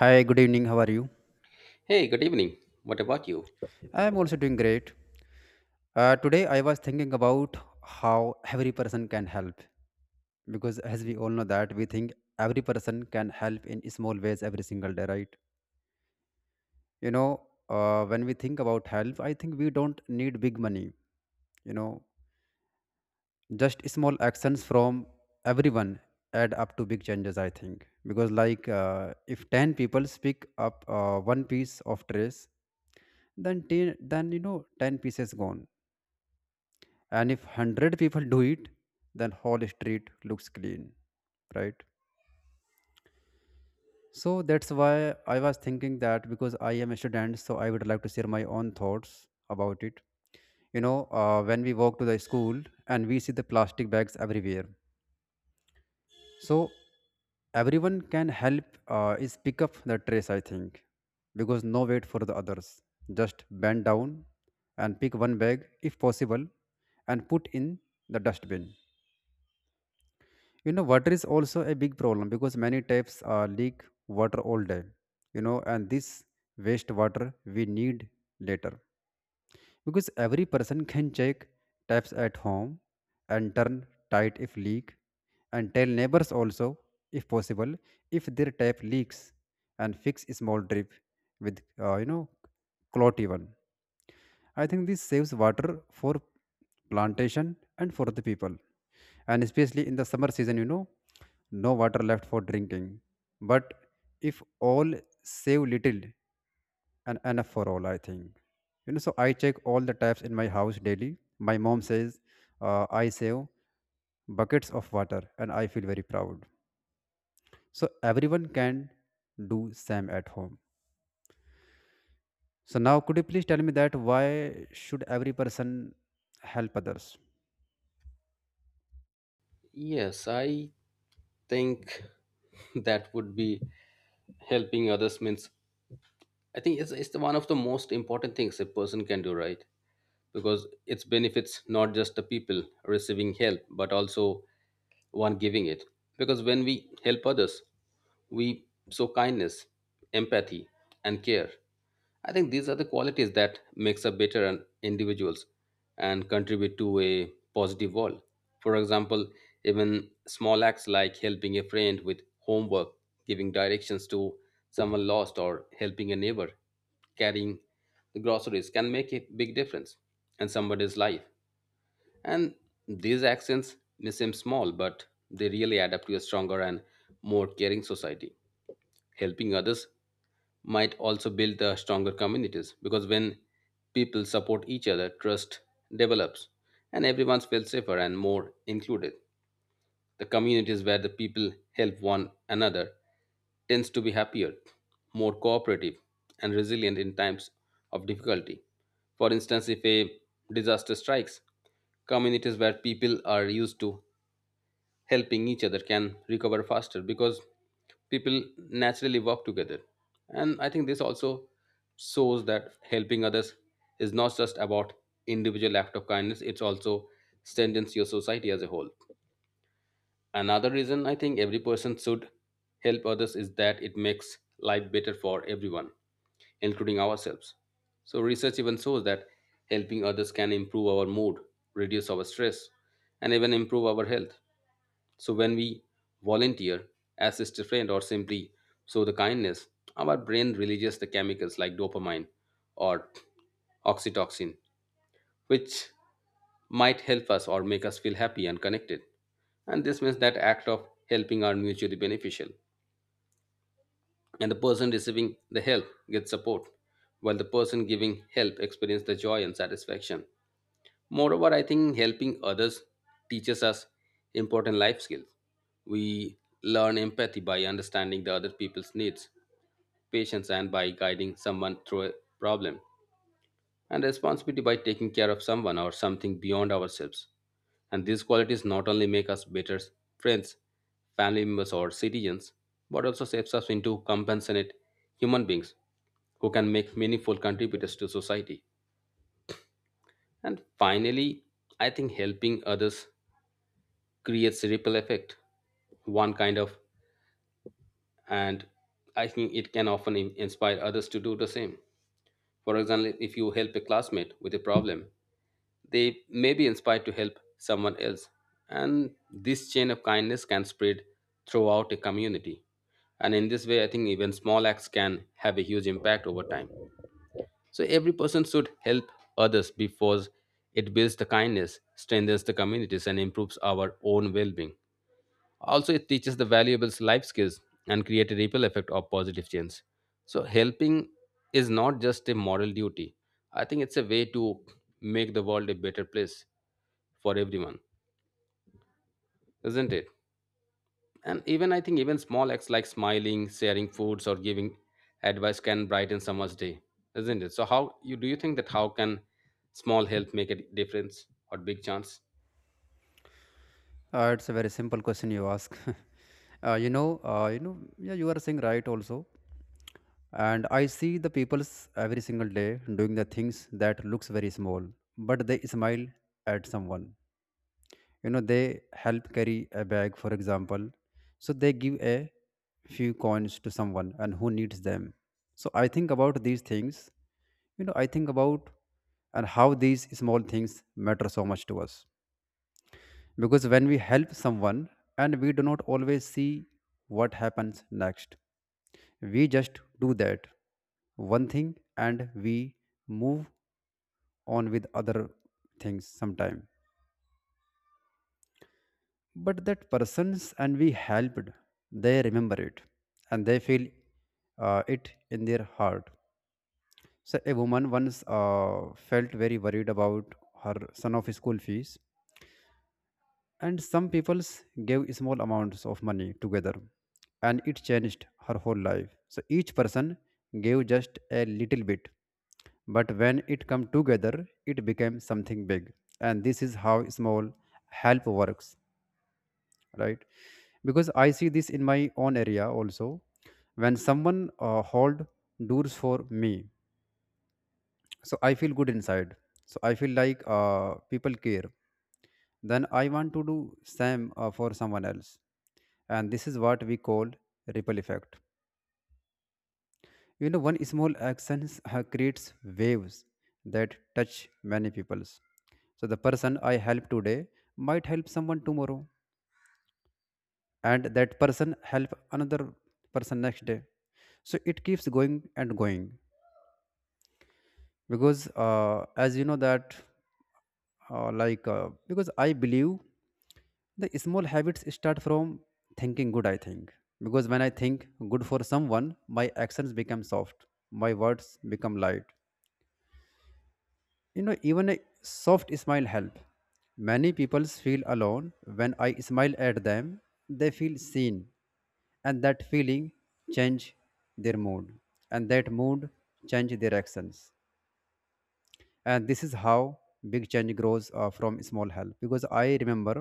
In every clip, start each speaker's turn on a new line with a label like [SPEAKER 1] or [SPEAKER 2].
[SPEAKER 1] Hi, good evening. How are you?
[SPEAKER 2] Hey, good evening. What about you?
[SPEAKER 1] I am also doing great. Today, I was thinking about how every person can help because, as we all know, that we think every person can help in small ways every single day, right? When we think about help, I think we don't need big money, you know, just small actions from everyone add up to big changes, I think. Because if 10 people pick up one piece of trash, then 10, then 10 pieces gone, and if 100 people do it, then whole street looks clean, right. So that's why I was thinking that, because I am a student, so I would like to share my own thoughts about it. When we walk to the school and we see the plastic bags everywhere, so everyone can help, is pick up the trash, I think, because no wait for the others. Just bend down and pick one bag if possible and put in the dustbin. You know, water is also a big problem because many taps leak water all day. You know, and this waste water we need later, because every person can check taps at home and turn tight if leak, and tell neighbors also, if possible, if their tap leaks, and fix small drip with uh, you know clot even. I think this saves water for plantation and for the people. And especially in the summer season, you know, no water left for drinking. But if all save little and enough for all, I think. You know, so I check all the taps in my house daily. My mom says I save buckets of water, and I feel very proud. So everyone can do same at home. So now could you please tell me that why should every person help others?
[SPEAKER 2] Yes, I think that would be helping others means I think it's the one of the most important things a person can do, right? Because it benefits not just the people receiving help, but also one giving it. Because when we help others, we show kindness, empathy, and care. I think these are the qualities that makes up better an individuals and contribute to a positive world. For example, even small acts like helping a friend with homework, giving directions to someone lost, or helping a neighbor carrying the groceries can make a big difference in somebody's life. And these actions may seem small, but they really add up to a stronger and more caring society. Helping others might also build the stronger communities because when people support each other, trust develops and everyone feels safer and more included. The communities where the people help one another tends to be happier, more cooperative, and resilient in times of difficulty. For instance, if a disaster strikes, communities where people are used to helping each other can recover faster because people naturally work together, and I think this also shows that helping others is not just about individual act of kindness, it's also strengthens your society as a whole. Another reason I think every person should help others is that it makes life better for everyone, including ourselves. So research even shows that helping others can improve our mood, reduce our stress, and even improve our health. So when we volunteer, assist a friend, or simply show the kindness, our brain releases the chemicals like dopamine or oxytocin, which might help us or make us feel happy and connected. And this means that act of helping are mutually beneficial. And the person receiving the help gets support, while the person giving help experiences the joy and satisfaction. Moreover, I think helping others teaches us important life skills. We learn empathy by understanding the other people's needs, patience and by guiding someone through a problem, and responsibility by taking care of someone or something beyond ourselves. And these qualities not only make us better friends, family members, or citizens, but also shapes us into compassionate human beings who can make meaningful contributors to society. And finally, I think helping others creates a ripple effect one kind of and I think it can often inspire others to do the same. For example, if you help a classmate with a problem, they may be inspired to help someone else, and this chain of kindness can spread throughout a community. And in this way I think even small acts can have a huge impact over time. So every person should help others because it builds the kindness, strengthens the communities, and improves our own well-being. Also, it teaches the valuables life skills and create a ripple effect of positive change. So, helping is not just a moral duty. I think it's a way to make the world a better place for everyone, isn't it? And even I think even small acts like smiling, sharing foods, or giving advice can brighten someone's day, isn't it? So, how you do you think that how can small help make a difference or big chance?
[SPEAKER 1] It's a very simple question you ask. Yeah, you are saying right also. And I see the people's every single day doing the things that looks very small, but they smile at someone. You know, they help carry a bag, for example. So they give a few coins to someone and who needs them. So I think about these things. You know, I think about and how these small things matter so much to us. Because when we help someone, and we do not always see what happens next, we just do that one thing, and we move on with other things sometime. But that persons and we helped, they remember it, and they feel it in their heart. So a woman once felt very worried about her son of school fees, and some people gave small amounts of money together, and it changed her whole life. So each person gave just a little bit, but when it come together, it became something big. And this is how small help works, right? Because I see this in my own area also. When someone hold doors for me, so I feel good inside, so I feel like people care, then I want to do same for someone else. And this is what we call ripple effect. You know, one small action creates waves that touch many peoples. So the person I help today might help someone tomorrow, and that person help another person next day. So it keeps going and going. Because as you know that like because I believe the small habits start from thinking good, I think, because when I think good for someone, my actions become soft, my words become light. You know, even a soft smile help. Many people feel alone. When I smile at them, they feel seen, and that feeling change their mood, and that mood change their actions. And this is how big change grows from small help. Because I remember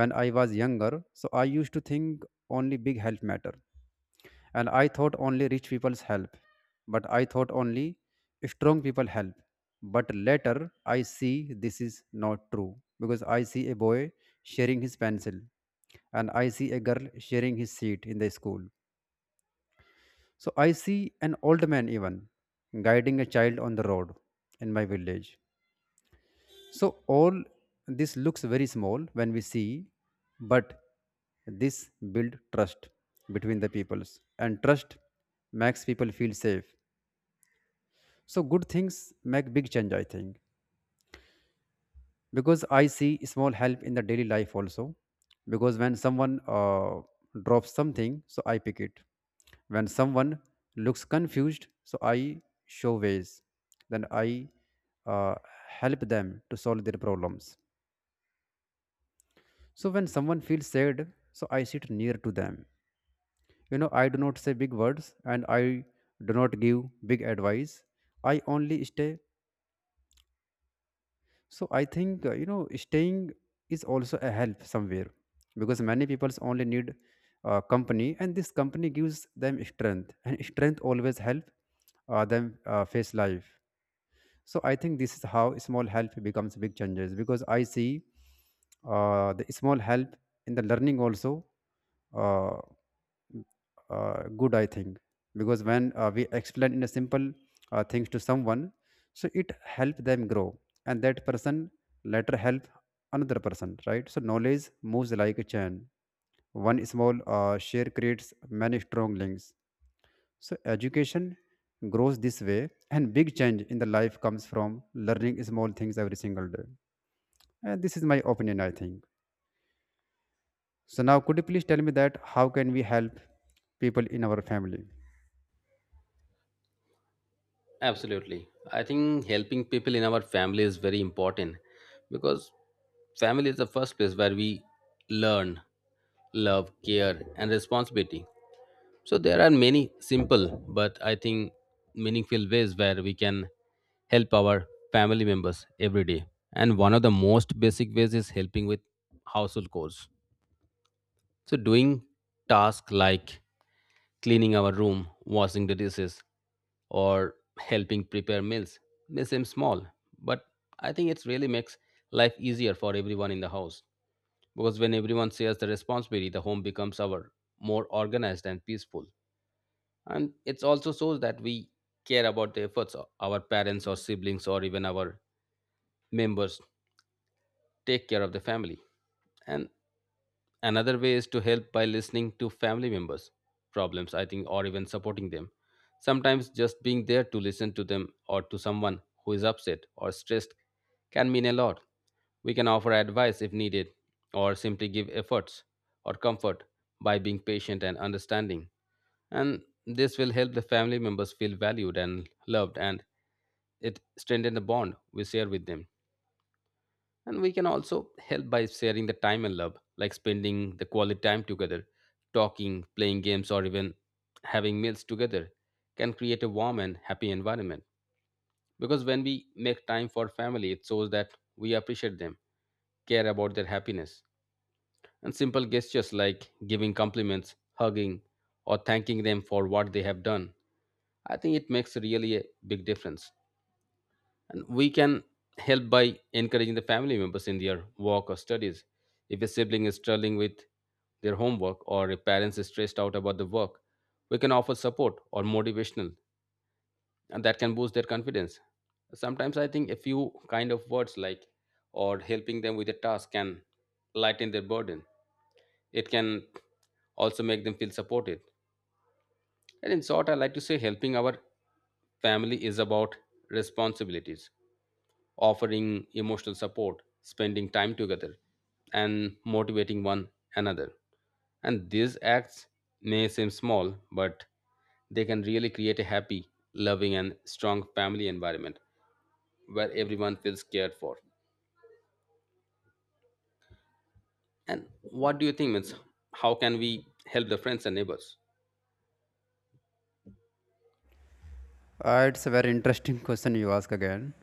[SPEAKER 1] when I was younger, so I used to think only big help matter, and I thought only rich people's help, but I thought only strong people help. But later I see this is not true, because I see a boy sharing his pencil, and I see a girl sharing his seat in the school. So I see an old man even guiding a child on the road in my village. So all this looks very small when we see, but this build trust between the peoples, and trust makes people feel safe. So good things make big change, I think, because I see small help in the daily life also. Because when someone drops something, so I pick it. When someone looks confused, so I show ways. Then I uh, help them to solve their problems. So when someone feels sad, so I sit near to them. You know, I do not say big words, and I do not give big advice. I only stay. So I think, staying is also a help somewhere, because many people only need company, and this company gives them strength, and strength always help them face life. So I think this is how small help becomes big changes, because I see the small help in the learning also. Uh, good, I think, because when we explain in a simple things to someone, so it help them grow, and that person later help another person, right? So knowledge moves like a chain. One small share creates many strong links. So education grows this way, and big change in the life comes from learning small things every single day. And this is my opinion, I think. So now could you please tell me that how can we help people in our family?
[SPEAKER 2] Absolutely. I think helping people in our family is very important because family is the first place where we learn love, care, and responsibility. So there are many simple but I think meaningful ways where we can help our family members every day. And one of the most basic ways is helping with household chores. So doing tasks like cleaning our room, washing the dishes, or helping prepare meals may seem small, but I think it really makes life easier for everyone in the house. Because when everyone shares the responsibility, the home becomes our more organized and peaceful. And it also shows that we care about the efforts our parents or siblings or even our members take care of the family. And another way is to help by listening to family members' problems, I think, or even supporting them. Sometimes just being there to listen to them or to someone who is upset or stressed can mean a lot. We can offer advice if needed, or simply give efforts or comfort by being patient and understanding. And this will help the family members feel valued and loved, and it strengthens the bond we share with them. And we can also help by sharing the time and love, like spending the quality time together, talking, playing games, or even having meals together can create a warm and happy environment. Because when we make time for family, it shows that we appreciate them, care about their happiness. And simple gestures like giving compliments, hugging, or thanking them for what they have done, I think it makes really a big difference. And we can help by encouraging the family members in their work or studies. If a sibling is struggling with their homework or a parent is stressed out about the work, we can offer support or motivational, and that can boost their confidence. Sometimes I think a few kind of words like or helping them with a task can lighten their burden. It can also make them feel supported. And in short, I like to say helping our family is about responsibilities, offering emotional support, spending time together, and motivating one another. And these acts may seem small, but they can really create a happy, loving, and strong family environment where everyone feels cared for. And what do you think, means how can we help the friends and neighbors?
[SPEAKER 1] It's a very interesting question you ask again.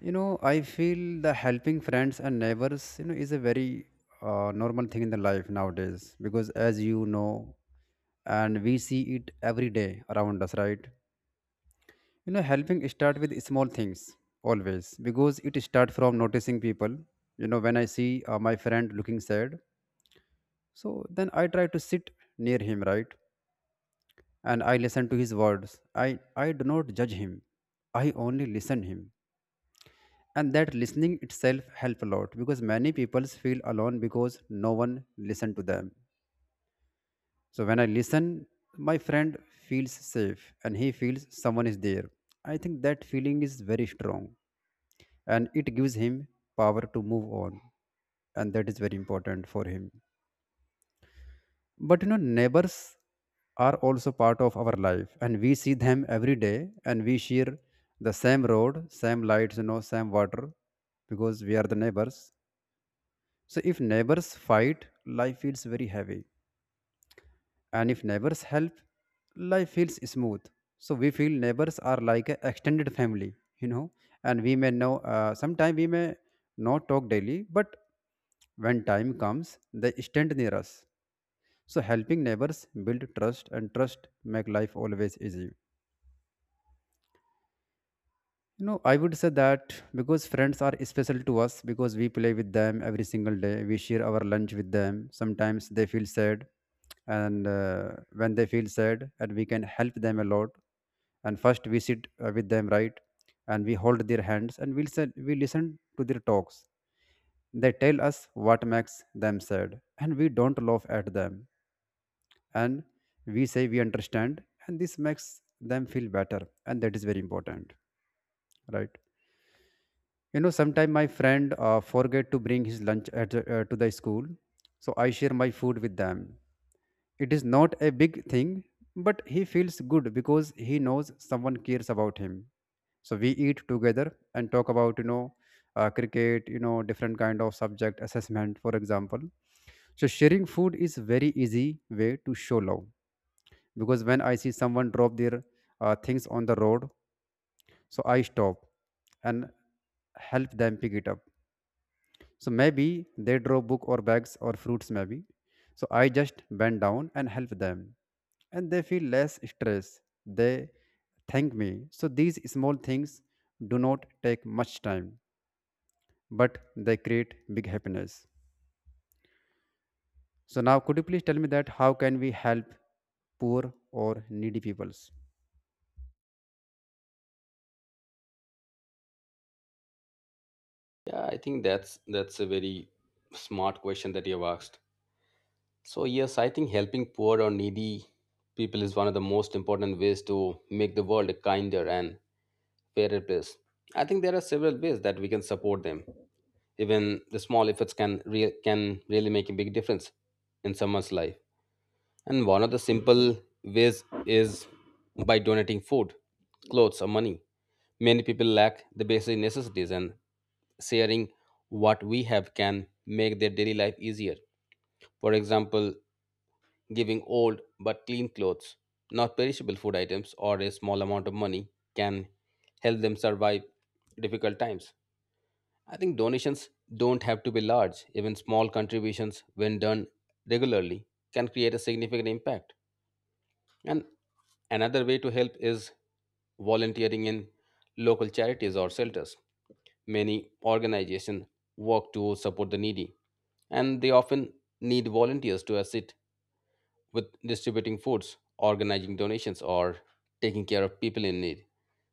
[SPEAKER 1] You know, I feel the helping friends and neighbors, you know, is a very normal thing in the life nowadays because, as you know, and we see it every day around us, right? You know, helping start with small things always, because it start from noticing people. You know, when I see my friend looking sad, so then I try to sit near him, right? And I listen to his words. I do not judge him. I only listen him, and that listening itself help a lot, because many people feel alone because no one listen to them. So when I listen, my friend feels safe, and he feels someone is there. I think that feeling is very strong, and it gives him power to move on, and that is very important for him. But you know, neighbors are also part of our life, and we see them every day, and we share the same road, same lights, you know, same water, because we are the neighbors. So if neighbors fight, life feels very heavy. And if neighbors help, life feels smooth. So we feel neighbors are like an extended family, you know. And we may know, sometimes we may not talk daily, but when time comes, they stand near us. So helping neighbors build trust, and trust make life always easy. You know, I would say that because friends are special to us, because we play with them every single day. We share our lunch with them. Sometimes they feel sad, and when they feel sad, and we can help them a lot. And first we sit with them, right? And we hold their hands, and we'll say, we listen to their talks. They tell us what makes them sad, and we don't laugh at them. And we say we understand, and this makes them feel better, and that is very important, right? You know, sometimes my friend forget to bring his lunch at, to the school, so I share my food with them. It is not a big thing, but he feels good because he knows someone cares about him. So we eat together and talk about, cricket, you know, different kind of subject assessment, for example. So sharing food is very easy way to show love. Because when I see someone drop their things on the road, so I stop and help them pick it up. So maybe they draw book or bags or fruits maybe. So I just bend down and help them. And they feel less stress. They thank me. So these small things do not take much time, but they create big happiness. So now could you please tell me that how can we help poor or needy peoples?
[SPEAKER 2] Yeah, I think that's a very smart question that you have asked. So, yes, I think helping poor or needy people is one of the most important ways to make the world a kinder and fairer place. I think there are several ways that we can support them. Even the small efforts can can really make a big difference in someone's life. And one of the simple ways is by donating food, clothes, or money. Many people lack the basic necessities, and sharing what we have can make their daily life easier. For example, giving old but clean clothes, not perishable food items, or a small amount of money can help them survive difficult times. I think donations don't have to be large, even small contributions, when done regularly, can create a significant impact. And another way to help is volunteering in local charities or shelters. Many organizations work to support the needy, and they often need volunteers to assist with distributing foods, organizing donations, or taking care of people in need.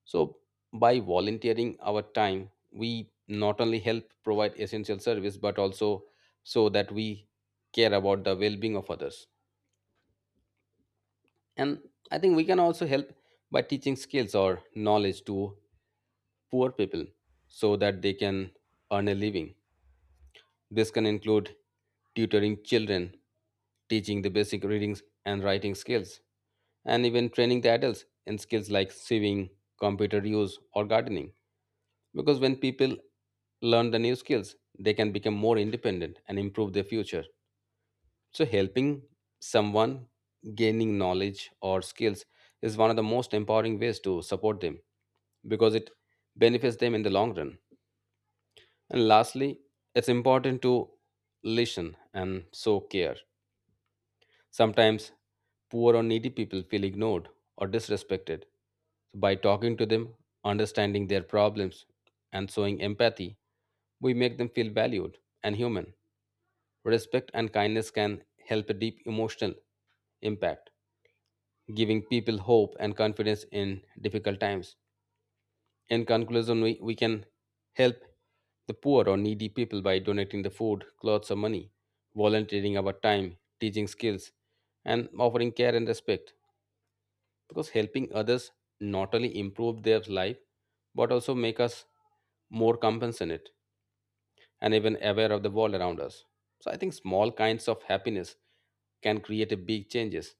[SPEAKER 2] So, by volunteering our time, we not only help provide essential service but also so that we care about the well being of others. And I think we can also help by teaching skills or knowledge to poor people so that they can earn a living. This can include tutoring children, teaching the basic readings and writing skills, and even training the adults in skills like sewing, computer use, or gardening. Because when people learn the new skills, they can become more independent and improve their future. So, helping someone gaining knowledge or skills is one of the most empowering ways to support them because it benefits them in the long run. And lastly, it's important to listen and show care. Sometimes poor or needy people feel ignored or disrespected. So by talking to them, understanding their problems, and showing empathy, we make them feel valued and human. Respect and kindness can help a deep emotional impact, giving people hope and confidence in difficult times. In conclusion, we can help the poor or needy people by donating the food, clothes, or money, volunteering our time, teaching skills, and offering care and respect. Because helping others not only improve their life but also make us more compassionate and even aware of the world around us. So I think small kinds of happiness can create a big changes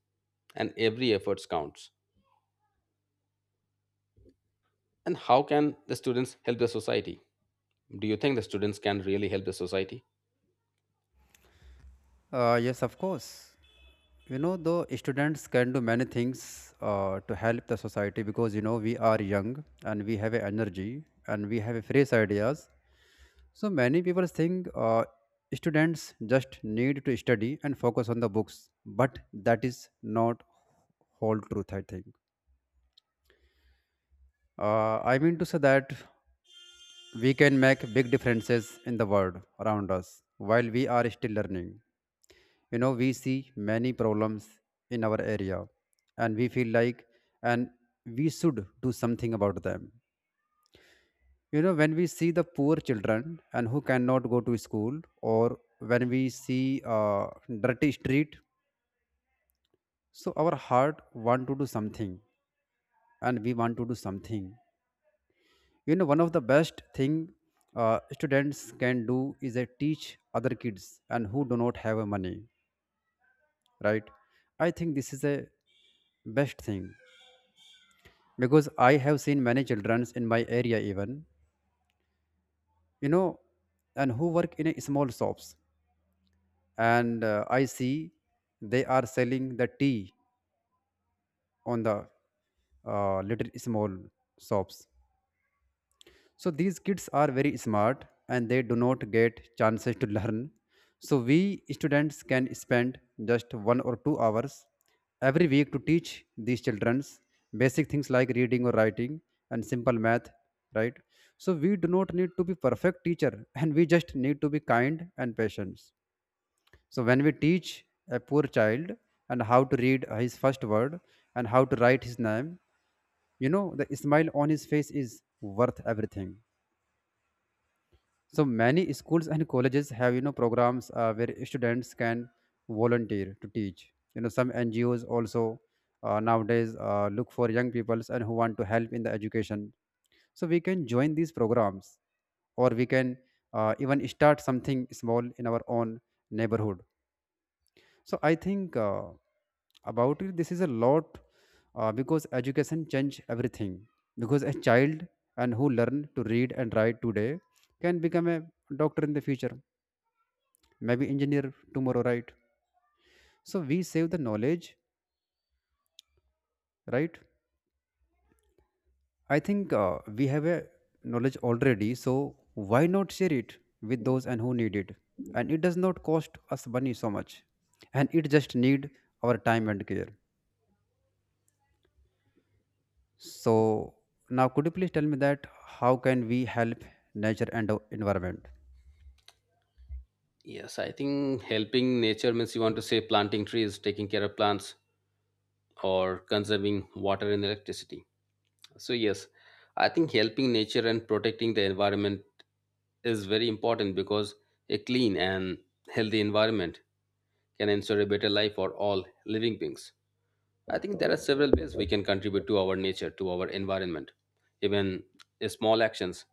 [SPEAKER 2] and every effort counts. And how can the students help the society? Do you think the students can really help the society?
[SPEAKER 1] Yes, of course. You know, the students can do many things to help the society, because you know we are young, and we have a energy, and we have a fresh ideas. So many people think students just need to study and focus on the books, but that is not whole truth. I think. I mean to say that we can make big differences in the world around us while we are still learning. You know we see many problems in our area and we feel like and we should do something about them. You know, when we see the poor children and who cannot go to school, or when we see uh, dirty street, so our heart want to do something and we want to do something. You know, one of the best thing students can do is a teach other kids and who do not have a money, right? I think this is a best thing because I have seen many children in my area even, you know, and who work in a small shops and I see they are selling the tea on the little small shops. So these kids are very smart and they do not get chances to learn. So we students can spend just 1 or 2 hours every week to teach these childrens basic things like reading or writing and simple math, right? So we do not need to be perfect teacher and we just need to be kind and patient. So when we teach a poor child and how to read his first word and how to write his name, you know the smile on his face is worth everything. So many schools and colleges have, you know, programs where students can volunteer to teach. You know, some NGOs also nowadays look for young peoples and who want to help in the education. So we can join these programs, or we can even start something small in our own neighborhood. So I think about it, this is a lot because education change everything. Because a child and who learn to read and write today can become a doctor in the future, maybe engineer tomorrow, right? So we save the knowledge, right? I think we have a knowledge already, so why not share it with those and who need it? And it does not cost us money so much, and it just need our time and care. So now, could you please tell me that how can we help nature and the environment?
[SPEAKER 2] Yes, I think helping nature means you want to say planting trees, taking care of plants, or conserving water and electricity. So yes, I think helping nature and protecting the environment is very important because a clean and healthy environment can ensure a better life for all living beings. I think there are several ways we can contribute to our nature, to our environment. Even small actions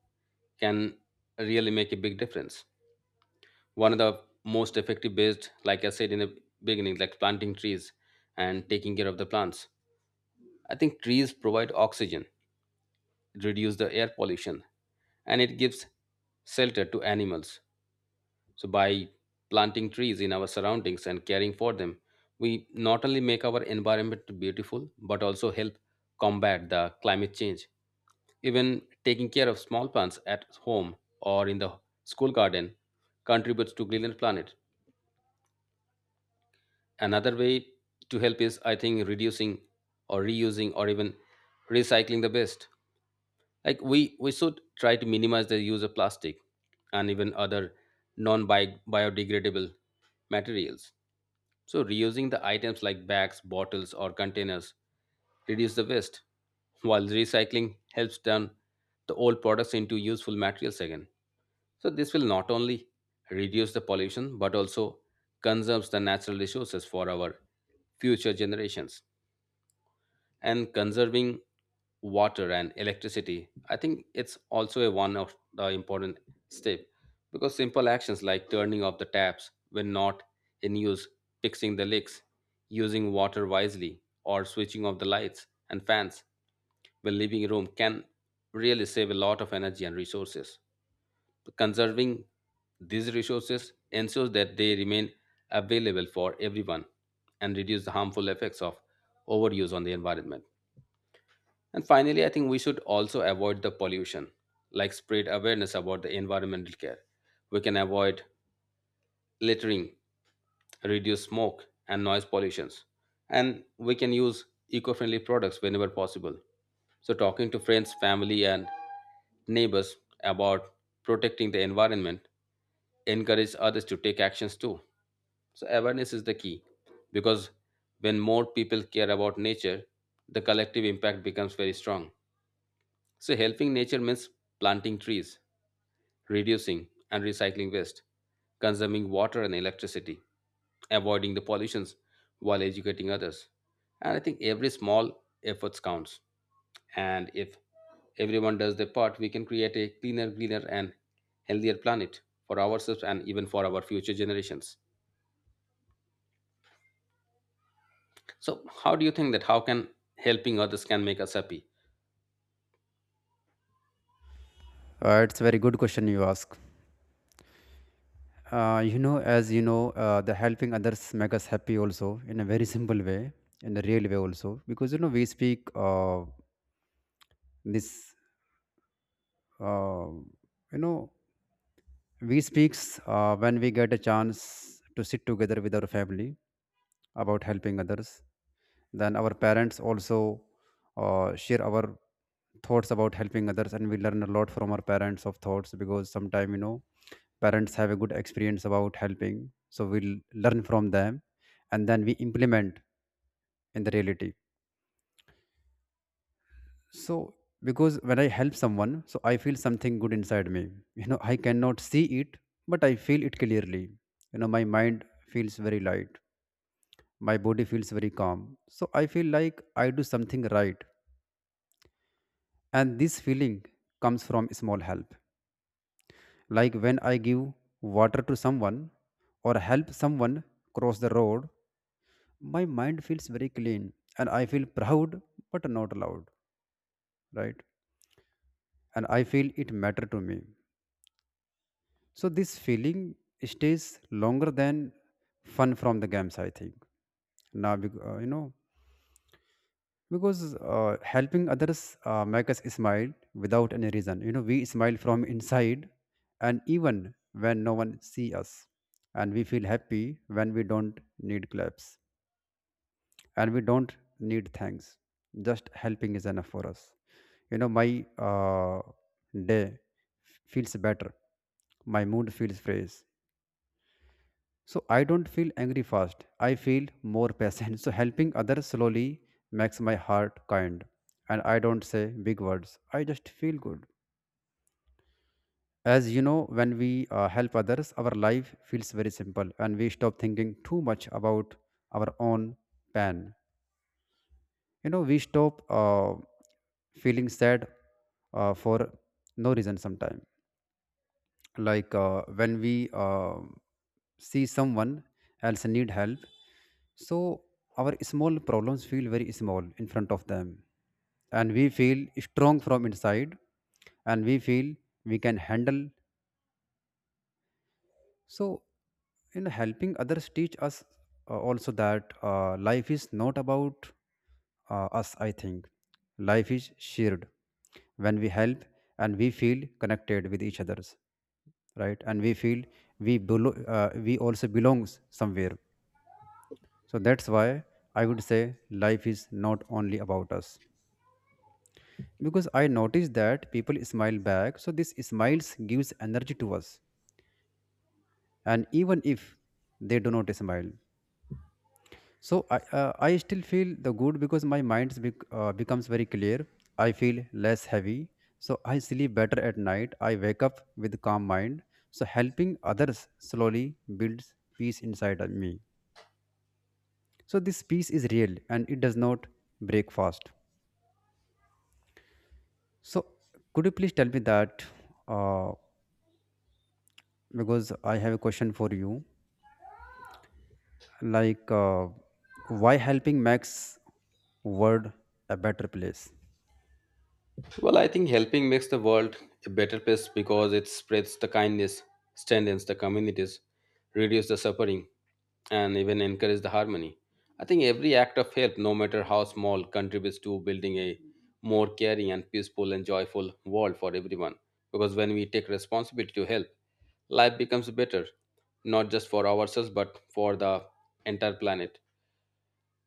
[SPEAKER 2] can really make a big difference. One of the most effective based, like I said in the beginning, like planting trees and taking care of the plants. I think trees provide oxygen, reduce the air pollution, and it gives shelter to animals. So, by planting trees in our surroundings and caring for them, we not only make our environment beautiful but also help combat the climate change. Even taking care of small plants at home or in the school garden contributes to greener planet. Another way to help is, I think, reducing or reusing or even recycling the waste. Like we should try to minimize the use of plastic and even other non biodegradable materials. So reusing the items like bags, bottles, or containers reduce the waste, while recycling helps turn the old products into useful materials again. So this will not only reduce the pollution but also conserves the natural resources for our future generations. And conserving water and electricity, I think it's also a one of the important step. Because simple actions like turning off the taps when not in use, fixing the leaks, using water wisely, or switching off the lights and fans when leaving a room can really save a lot of energy and resources. Conserving these resources ensures that they remain available for everyone and reduce the harmful effects of overuse on the environment. And finally, I think we should also avoid the pollution, like spread awareness about the environmental care. We can avoid littering, reduce smoke and noise pollutions, and we can use eco-friendly products whenever possible. So talking to friends, family, and neighbors about protecting the environment encourage others to take actions too. So awareness is the key, because when more people care about nature, the collective impact becomes very strong. So, helping nature means planting trees, reducing and recycling waste, consuming water and electricity, avoiding the pollutions while educating others. And I think every small effort counts. And if everyone does their part, we can create a cleaner, greener, and healthier planet for ourselves and even for our future generations. So, how do you think that how can helping others can make us happy?
[SPEAKER 1] It's a very good question you ask. You know, as you know, the helping others make us happy also in a very simple way, in a real way also, because you know we speak this, uh, you know, we speaks when we get a chance to sit together with our family about helping others. Then our parents also share our thoughts about helping others, and we learn a lot from our parents of thoughts because sometimes, you know, parents have a good experience about helping, so we'll learn from them, and then we implement in the reality. So because when I help someone, so I feel something good inside me. You know, I cannot see it, but I feel it clearly. You know, my mind feels very light, my body feels very calm, so I feel like I do something right. And this feeling comes from small help. Like when I give water to someone or help someone cross the road, my mind feels very clean and I feel proud but not loud, right? And I feel it matter to me. So this feeling stays longer than fun from the games, I think. Now, you know, because helping others make us smile without any reason. You know, we smile from inside and even when no one see us, and we feel happy when we don't need claps and we don't need thanks. Just helping is enough for us. You know, my uh, day feels better, my mood feels fresh, so I don't feel angry fast. I feel more patient. So helping others slowly makes my heart kind. And I don't say big words. I just feel good. As you know, when we help others, our life feels very simple and we stop thinking too much about our own pain. You know, we stop feeling sad for no reason sometimes. Like when we see someone else need help, so our small problems feel very small in front of them, and we feel strong from inside and we feel we can handle. So, in helping others teach us also that life is not about us, I think. Life is shared. When we help and we feel connected with each others, right? And we feel we also belongs somewhere. So that's why I would say life is not only about us. Because I noticed that people smile back, so this smiles gives energy to us. And even if they do not smile, so I still feel the good because my mind becomes very clear. I feel less heavy, so I sleep better at night. I wake up with calm mind. So helping others slowly builds peace inside of me. So this peace is real and it does not break fast. So could you please tell me that uh, because I have a question for you, like why helping makes world a better place?
[SPEAKER 2] Well, I think helping makes the world a better place because it spreads the kindness, strengthens the communities, reduces the suffering, and even encourages the harmony. I think every act of help, no matter how small, contributes to building a more caring and peaceful and joyful world for everyone. Because when we take responsibility to help, life becomes better, not just for ourselves but for the entire planet.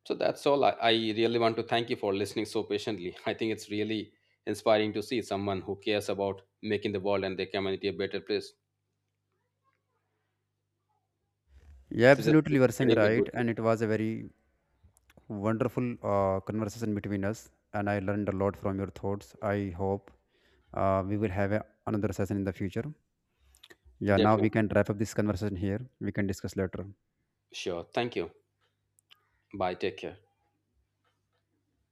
[SPEAKER 2] So that's all. I really want to thank you for listening so patiently. I think it's really inspiring to see someone who cares about making the world and their community a better place.
[SPEAKER 1] Yeah,
[SPEAKER 2] To just
[SPEAKER 1] absolutely.
[SPEAKER 2] keep
[SPEAKER 1] You are saying
[SPEAKER 2] spreading the
[SPEAKER 1] right.
[SPEAKER 2] goodness.
[SPEAKER 1] And it was a very wonderful conversation between us. And I learned a lot from your thoughts. I hope we will have a, another session in the future. Yeah, now we
[SPEAKER 2] Definitely.
[SPEAKER 1] can wrap up this conversation here. We can discuss later.
[SPEAKER 2] Sure. Thank you. Bye. Take care.